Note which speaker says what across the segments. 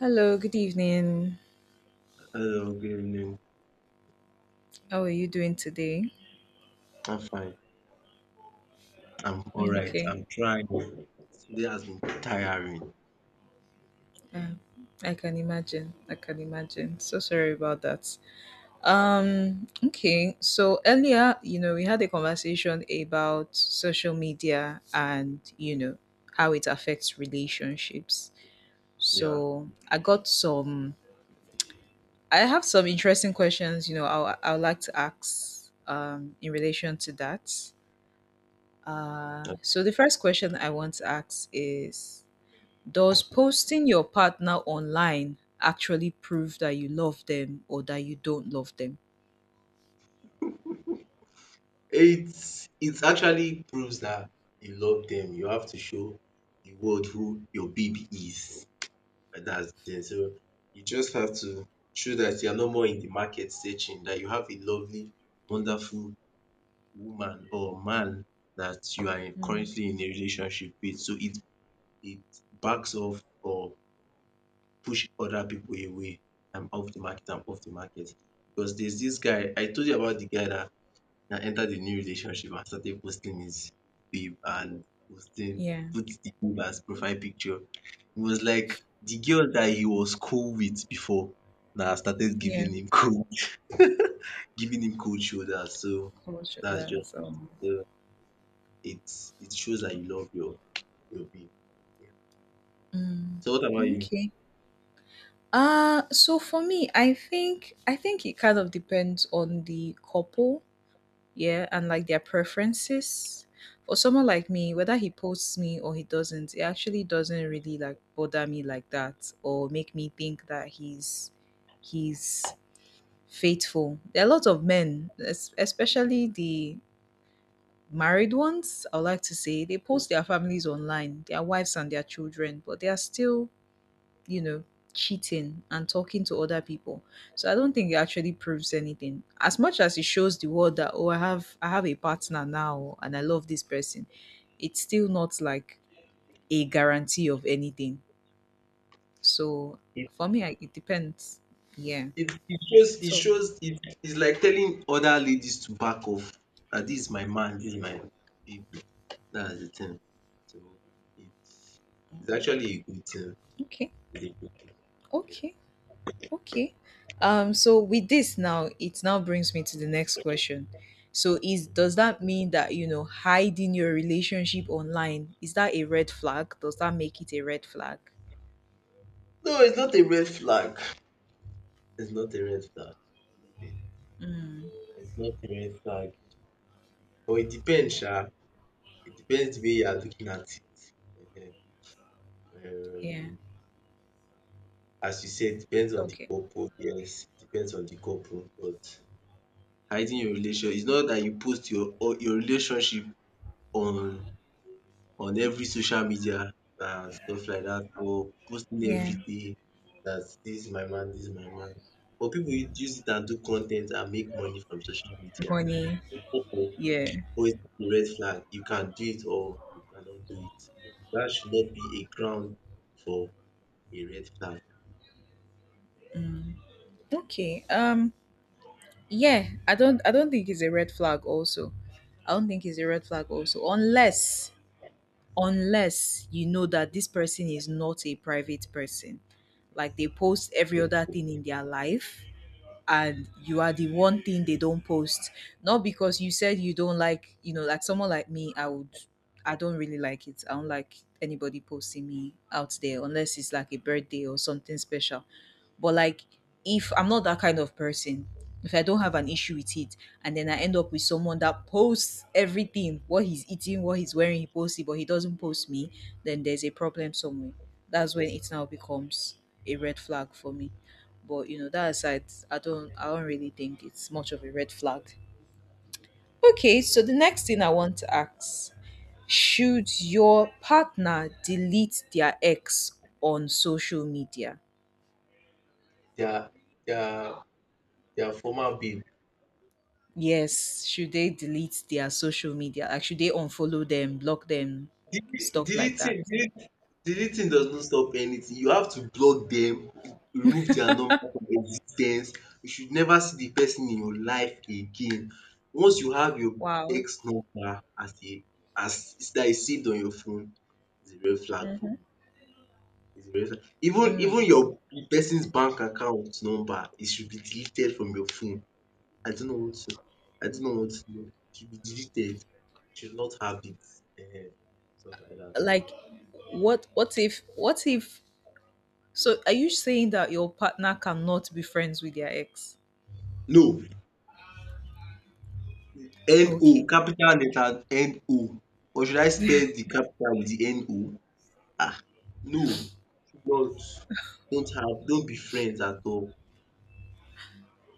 Speaker 1: Hello, good evening.
Speaker 2: Hello, good evening.
Speaker 1: How are you doing today?
Speaker 2: I'm fine. I'm all right.
Speaker 1: Okay.
Speaker 2: I'm trying. Today has been tiring.
Speaker 1: Uh, I can imagine. I can imagine. So sorry about that. Okay. So earlier, we had a conversation about social media and, how it affects relationships.
Speaker 2: Yeah.
Speaker 1: So I have some interesting questions, I would like to ask in relation to that. So the first question I want to ask is, does posting your partner online actually prove that you love them or that you don't love them?
Speaker 2: It actually proves that you love them. You have to show the world who your baby is. And that's then. So you just have to show that you're no more in the market searching, that you have a lovely, wonderful woman or man that you are
Speaker 1: Mm.
Speaker 2: currently in a relationship with. So it backs off or push other people away. I'm off the market, I'm off the market. Because there's this guy, I told you about the guy that entered the new relationship and started posting his babe and posting,
Speaker 1: Yeah,
Speaker 2: put the babe as profile picture. It was like the girl that he was cool with before now started
Speaker 1: yeah,
Speaker 2: giving him cold, giving him cold shoulders. So
Speaker 1: much of
Speaker 2: that's
Speaker 1: that.
Speaker 2: just it.
Speaker 1: So,
Speaker 2: So it shows that you love your babe. Yeah.
Speaker 1: Mm,
Speaker 2: So what about you?
Speaker 1: okay. So for me, I think it kind of depends on the couple, yeah, and like their preferences. For someone like me, whether he posts me or he doesn't, it actually doesn't really like bother me like that or make me think that he's faithful. There are lots of men, especially the married ones, I would like to say, they post their families online, their wives and their children, but they are still, you know, cheating and talking to other people. So I don't think it actually proves anything. As much as it shows the world that, oh, I have a partner now and I love this person, it's still not like a guarantee of anything. So for me, it depends. Yeah.
Speaker 2: It shows it
Speaker 1: So
Speaker 2: shows it it's like telling other ladies to back off. That this is my man, this is my babe. That is the tin. So it's it's
Speaker 1: mm,
Speaker 2: actually a good tin.
Speaker 1: okay.
Speaker 2: It's a good tin, yeah.
Speaker 1: Okay. Okay. So with this now, it now brings me to the next question. So is does that mean that hiding your relationship online is that a red flag? Does that make it a red flag?
Speaker 2: No, it's not a red flag. It's not a red flag. It
Speaker 1: Mm,
Speaker 2: it's not a red flag but it depends sha. It depends the way you are looking at it.
Speaker 1: yeah.
Speaker 2: Um as you said, depends on the
Speaker 1: Okay.
Speaker 2: couple. Yes, it depends on the couple but hiding your relation, it's not that you post your or your relationship on on every social media and stuff like that, or posting
Speaker 1: Yeah.
Speaker 2: everyday that this is my man, this is my man. But pipu use it and do content and make money from social media.
Speaker 1: Money.
Speaker 2: But people
Speaker 1: Yeah.
Speaker 2: always put the red flag. You can do it or you cannot do it. That should not be a ground for a red flag.
Speaker 1: Okay. Yeah. I don't. I don't think it's a red flag. Also, I don't think it's a red flag. Also, unless you know that this person is not a private person. Like they post every other thing in their life, and you are the one thing they don't post. Not because you said you don't like, like someone like me. I would, I don't really like it. I don't like anybody posting me out there, unless it's like a birthday or something special. But like, if I'm not that kind of person, if I don't have an issue with it, and then I end up with someone that posts everything, what he's eating, what he's wearing, he posts it but he doesn't post me, then there's a problem somewhere. That's when it now becomes a red flag for me. But that aside, I don't really think it's much of a red flag. Okay, so the next thing I want to ask, should your partner delete their ex on social media?
Speaker 2: Dia dia dia former babe.
Speaker 1: Yes, should they delete their social media? Like, should they unfollow them, block them,
Speaker 2: Dele-
Speaker 1: stuff like that?
Speaker 2: Deleting delete- Deleting does not stop anything. You have to block them, remove their number from existence. You should never see the person in your life again. Once you have your
Speaker 1: Wow.
Speaker 2: ex number as a as that is saved on your phone, it's a red flag for
Speaker 1: Mm-hmm.
Speaker 2: me. It's a red flag. Even
Speaker 1: Mm.
Speaker 2: your the person's bank account number, it should be deleted from your phone. I don't know what to I don't know what to know. It should be deleted. You should not have it. Ehen, stuff like that.
Speaker 1: Like, what? What if? What if? So, are you saying that your partner cannot be friends with their ex?
Speaker 2: No, NO
Speaker 1: Okay.
Speaker 2: capital letter NO, or should I spell the capital with the NO? um no, should not. Don't be friends at all.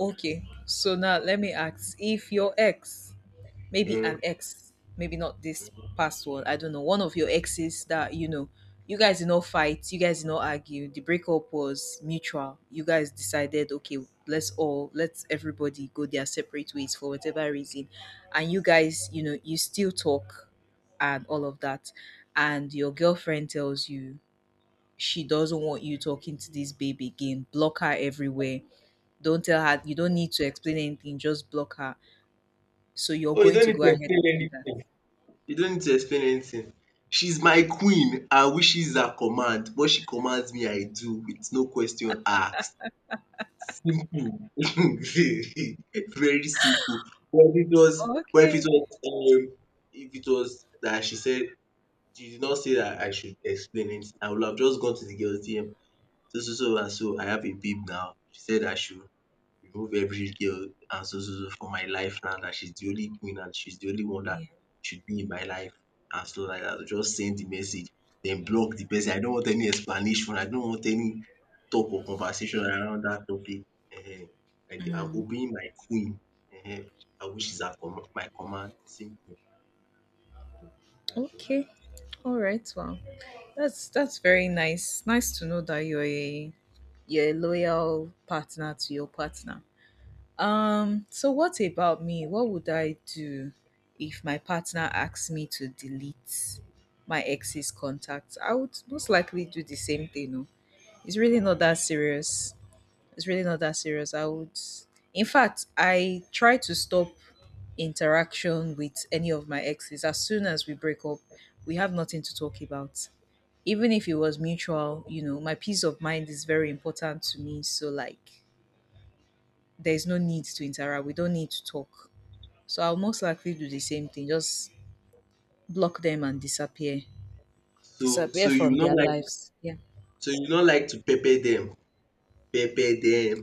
Speaker 1: Okay, so now let me ask, if your ex, maybe an
Speaker 2: um
Speaker 1: ex, maybe not this past one, I don't know, one of your exes that you guys did not fight, you guys did not argue, the breakup was mutual, you guys decided, okay, let's everybody go their separate ways for whatever reason, and you guys, you still talk and all of that, and your girlfriend tells you she doesn't want you talking to this babe again, block her everywhere, don't tell her, you don't need to explain anything, just block her. So you're
Speaker 2: oh, you
Speaker 1: going
Speaker 2: don't
Speaker 1: to
Speaker 2: need
Speaker 1: go
Speaker 2: to
Speaker 1: ahead
Speaker 2: explain
Speaker 1: and do that?
Speaker 2: anything. You don't need to explain anything. She's my queen, her wishes are command, what she commands me I do with no question asked, simple. Very simple. But
Speaker 1: Oh, okay.
Speaker 2: if it was that she said, she did not say that I should explain it. I would have just gone to the girl's DM. So so so and so I have a babe now. She said I should remove every girl and so so so from my life now that she's the only queen and she's the only one that
Speaker 1: Yeah.
Speaker 2: should be in my life and so like that. Just send the message, then block the person. I don't want any explanation. I don't want any talk or conversation around that topic. Ehen. Like the I'm
Speaker 1: Mm.
Speaker 2: obeying my queen. Ehen. I wish is at com- my command. Simple. That's just
Speaker 1: Okay.
Speaker 2: it.
Speaker 1: All right. Well, that's very nice. Nice to know that you're a loyal partner to your partner. So what about me? What would I do if my partner asks me to delete my ex's contacts? I would most likely do the same thing. No, it's really not that serious. It's really not that serious. I would, in fact, I try to stop interaction with any of my exes as soon as we break up. We have nothing to talk about. Even if it was mutual, my peace of mind is very important to me. So, like, there's no need to interact. We don't need to talk. So, I'll most likely do the same thing, just block them and disappear.
Speaker 2: So
Speaker 1: Disappear
Speaker 2: you will
Speaker 1: from
Speaker 2: not
Speaker 1: their
Speaker 2: like,
Speaker 1: lives. Yeah.
Speaker 2: so you don't like to pepper them, pepper them.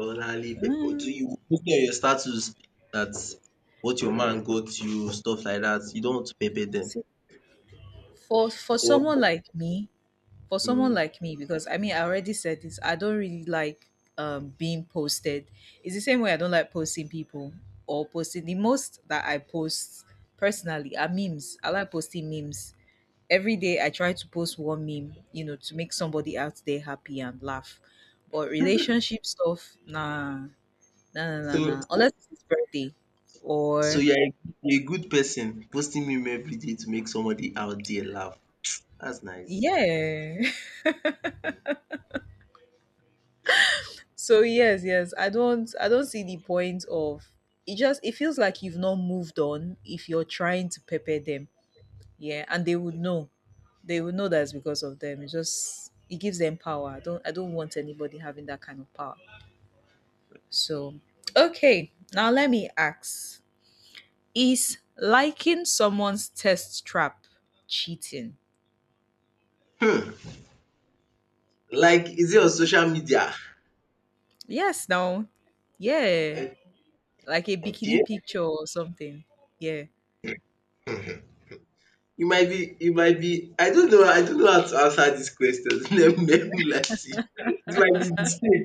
Speaker 2: Orally pepper, do
Speaker 1: Mm,
Speaker 2: you put on your status that what your man got you, stuff like that? You don't want to pepper them.
Speaker 1: see, for
Speaker 2: Or
Speaker 1: someone like me,
Speaker 2: um
Speaker 1: because I mean I already said this, I don't really like being posted. It's the same way I don't like posting people, or posting. The most that I post personally are memes. I like posting memes every day. I try to post one meme, to make somebody out there happy and laugh. But relationship stuff, nah, nah, nah, nah,
Speaker 2: so
Speaker 1: nah. Unless it's birthday
Speaker 2: so
Speaker 1: or
Speaker 2: you are a good person posting meme everyday to make somebody out there laugh, that's nice.
Speaker 1: yeah. So yes, yes, I don't see the point of It just, it feels like you've not moved on if you're trying to pepper them. Yeah, and they would know. They would know that's because of them. It just, it gives them power. I don't want anybody having that kind of power. So okay, now let me ask. Is liking someone's test trap cheating?
Speaker 2: Like is it on social media?
Speaker 1: Yes, no. Yeah.
Speaker 2: Eh,
Speaker 1: Like a
Speaker 2: okay,
Speaker 1: bikini picture or something. Yeah.
Speaker 2: you might be, I don't know, I don't know how to answer dis question. Let me lie to you. It might be di,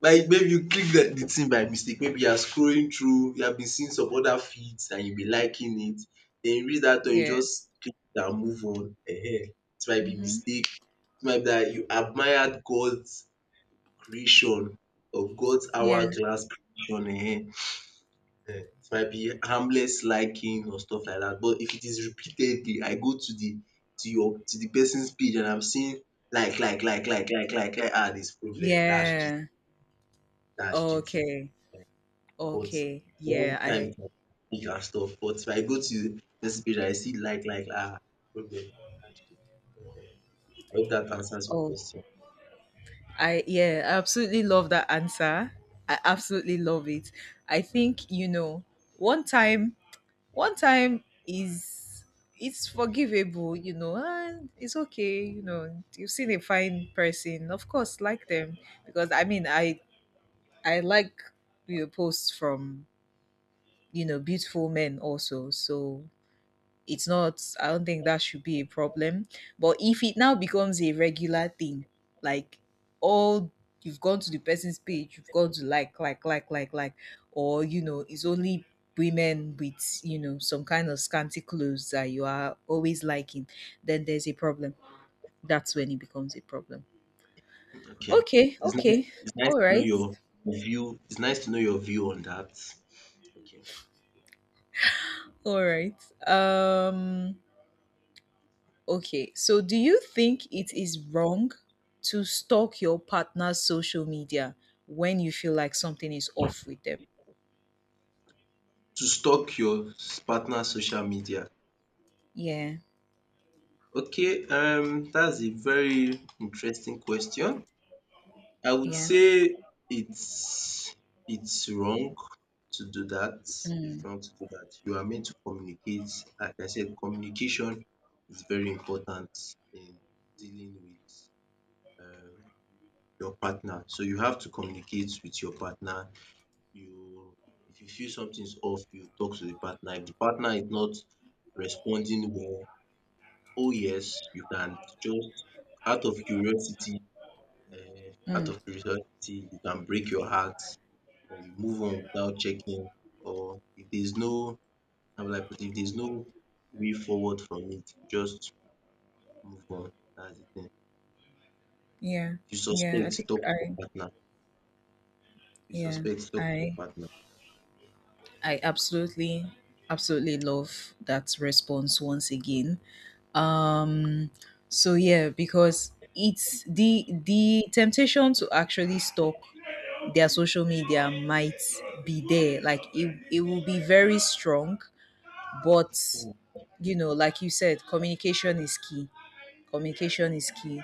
Speaker 2: like maybe you click the thing by mistake, maybe you are scrolling through, you have been seeing some other feeds and you be liking it, then you reach that one you
Speaker 1: Yeah.
Speaker 2: just click it and move on. It might be
Speaker 1: Mm-hmm.
Speaker 2: mistake, it might be that you admired God's creation, of God's
Speaker 1: Yeah.
Speaker 2: hourglass creation. Ehen. Eh? It might be harmless liking or stuff like that, but if it is repeatedly I go to the to the person's page and I'm seeing like, ah this problem,
Speaker 1: Yeah.
Speaker 2: that's cheating.
Speaker 1: Okay.
Speaker 2: But
Speaker 1: Okay.
Speaker 2: when
Speaker 1: Yeah.
Speaker 2: time come make you and stuff. But if I go to message page, I see like, ah problem. Ah, shit. I hope that answers your
Speaker 1: Oh,
Speaker 2: question.
Speaker 1: yeah, I absolutely love that answer. I absolutely love it. I think, one time, one time it's forgivable, and it's okay. You've seen a fine person, of course, like them. Because I mean, I like your posts from, beautiful men also. So, it's not I don't think that should be a problem. But if it now becomes a regular thing, like, all, you've gone to the person's page, you've gone to like, or it's only women with some kind of scanty clothes that you are always liking, then there's a problem. That's when it becomes a problem.
Speaker 2: Okay.
Speaker 1: Okay, okay,
Speaker 2: It's nice
Speaker 1: all
Speaker 2: to know
Speaker 1: right,
Speaker 2: your view. It's nice to know your view on that. Okay.
Speaker 1: all right, um okay, so do you think it is wrong to stalk your partner's social media when you feel like something is off with them?
Speaker 2: To stalk your partner's social media.
Speaker 1: Yeah,
Speaker 2: Okay, that's a very interesting question. I would
Speaker 1: yeah,
Speaker 2: say it's it's wrong to do that. It's
Speaker 1: mm,
Speaker 2: wrong to do that. You are meant to communicate. Like I said, communication is very important in dealing with um your partner. So you have to communicate with your partner. You If you feel something's off, you talk to the partner. If the partner is not responding well, oh yes, you can just out of curiosity, um out
Speaker 1: mm,
Speaker 2: of curiosity you can break your heart, or you move on without checking, or if there's no, how will I put it, if there's no way forward from it, just move on, that's the thing.
Speaker 1: yeah,
Speaker 2: If you
Speaker 1: yeah. I
Speaker 2: suspect,
Speaker 1: think
Speaker 2: talk to your partner. If you
Speaker 1: yeah,
Speaker 2: suspect, talk to your
Speaker 1: I,
Speaker 2: partner.
Speaker 1: I absolutely, absolutely love that response once again. um so yeah, because it's the temptation to actually stalk their social media might be there, like, it will be very strong. But like you said, communication is key. Communication is key.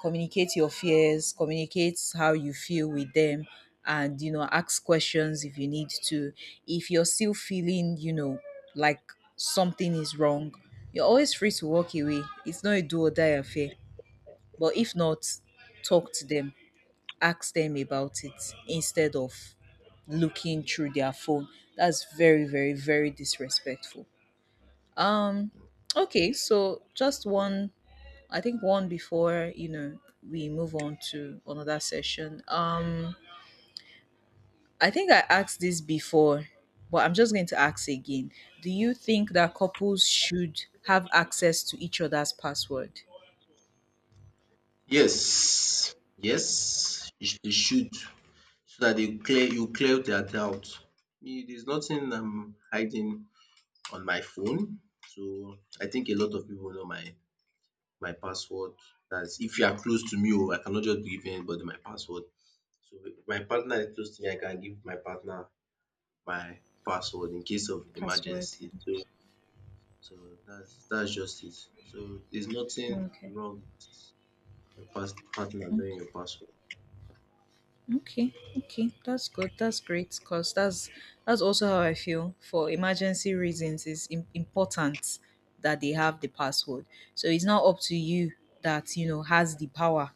Speaker 1: Communicate your fears, communicate how you feel with them, and ask questions if you need to. If you're still feeling, like something is wrong, you're always free to walk away. It's not a do or die affair. But if not, talk to them, ask them about it instead of looking through their phone. That's very, very, very disrespectful. Um, okay, so just one, I think one, before, we move on to another session. I think I asked this before, but I'm just going to ask again. Do you think that couples should have access to each other's password?
Speaker 2: Yes, yes you they should, so that dey clear, you clear their doubt. Me, there's nothing I'm hiding on my phone, so I think a lot of people know my password. That's if you are close to me oh, I cannot just give anybody my password. So if my partner is close to me, I can give my partner my password in case of
Speaker 1: Password.
Speaker 2: emergency.
Speaker 1: Yeah.
Speaker 2: So so that's just it. So there's nothing
Speaker 1: Okay.
Speaker 2: wrong with your partner knowing
Speaker 1: Okay.
Speaker 2: your password.
Speaker 1: Okay, okay, that's good. That's great because that's also how I feel. For emergency reasons, it's important that they have the password. So it's not up to you that has the power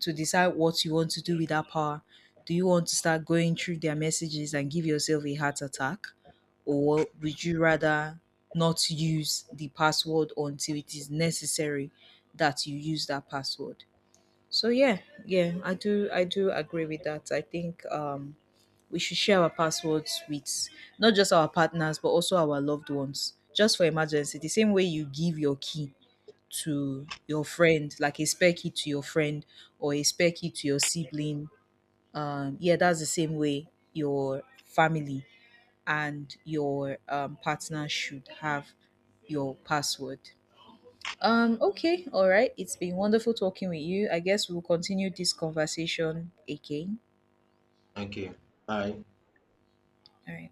Speaker 1: to decide what you want to do with that power. Do you want to start going through their messages and give yourself a heart attack, or would you rather not use the password until it is necessary that you use that password? So yeah, yeah, I do agree with that. I think we should share our passwords with not just our partners but also our loved ones, just for emergency. The same way you give your key to your friend, like a spare key to your friend or a spare key to your sibling. Yeah, that's the same way your family and your partner should have your password. Okay, all right. It's been wonderful talking with you. I guess we'll continue this conversation again.
Speaker 2: Okay. Bye.
Speaker 1: All right.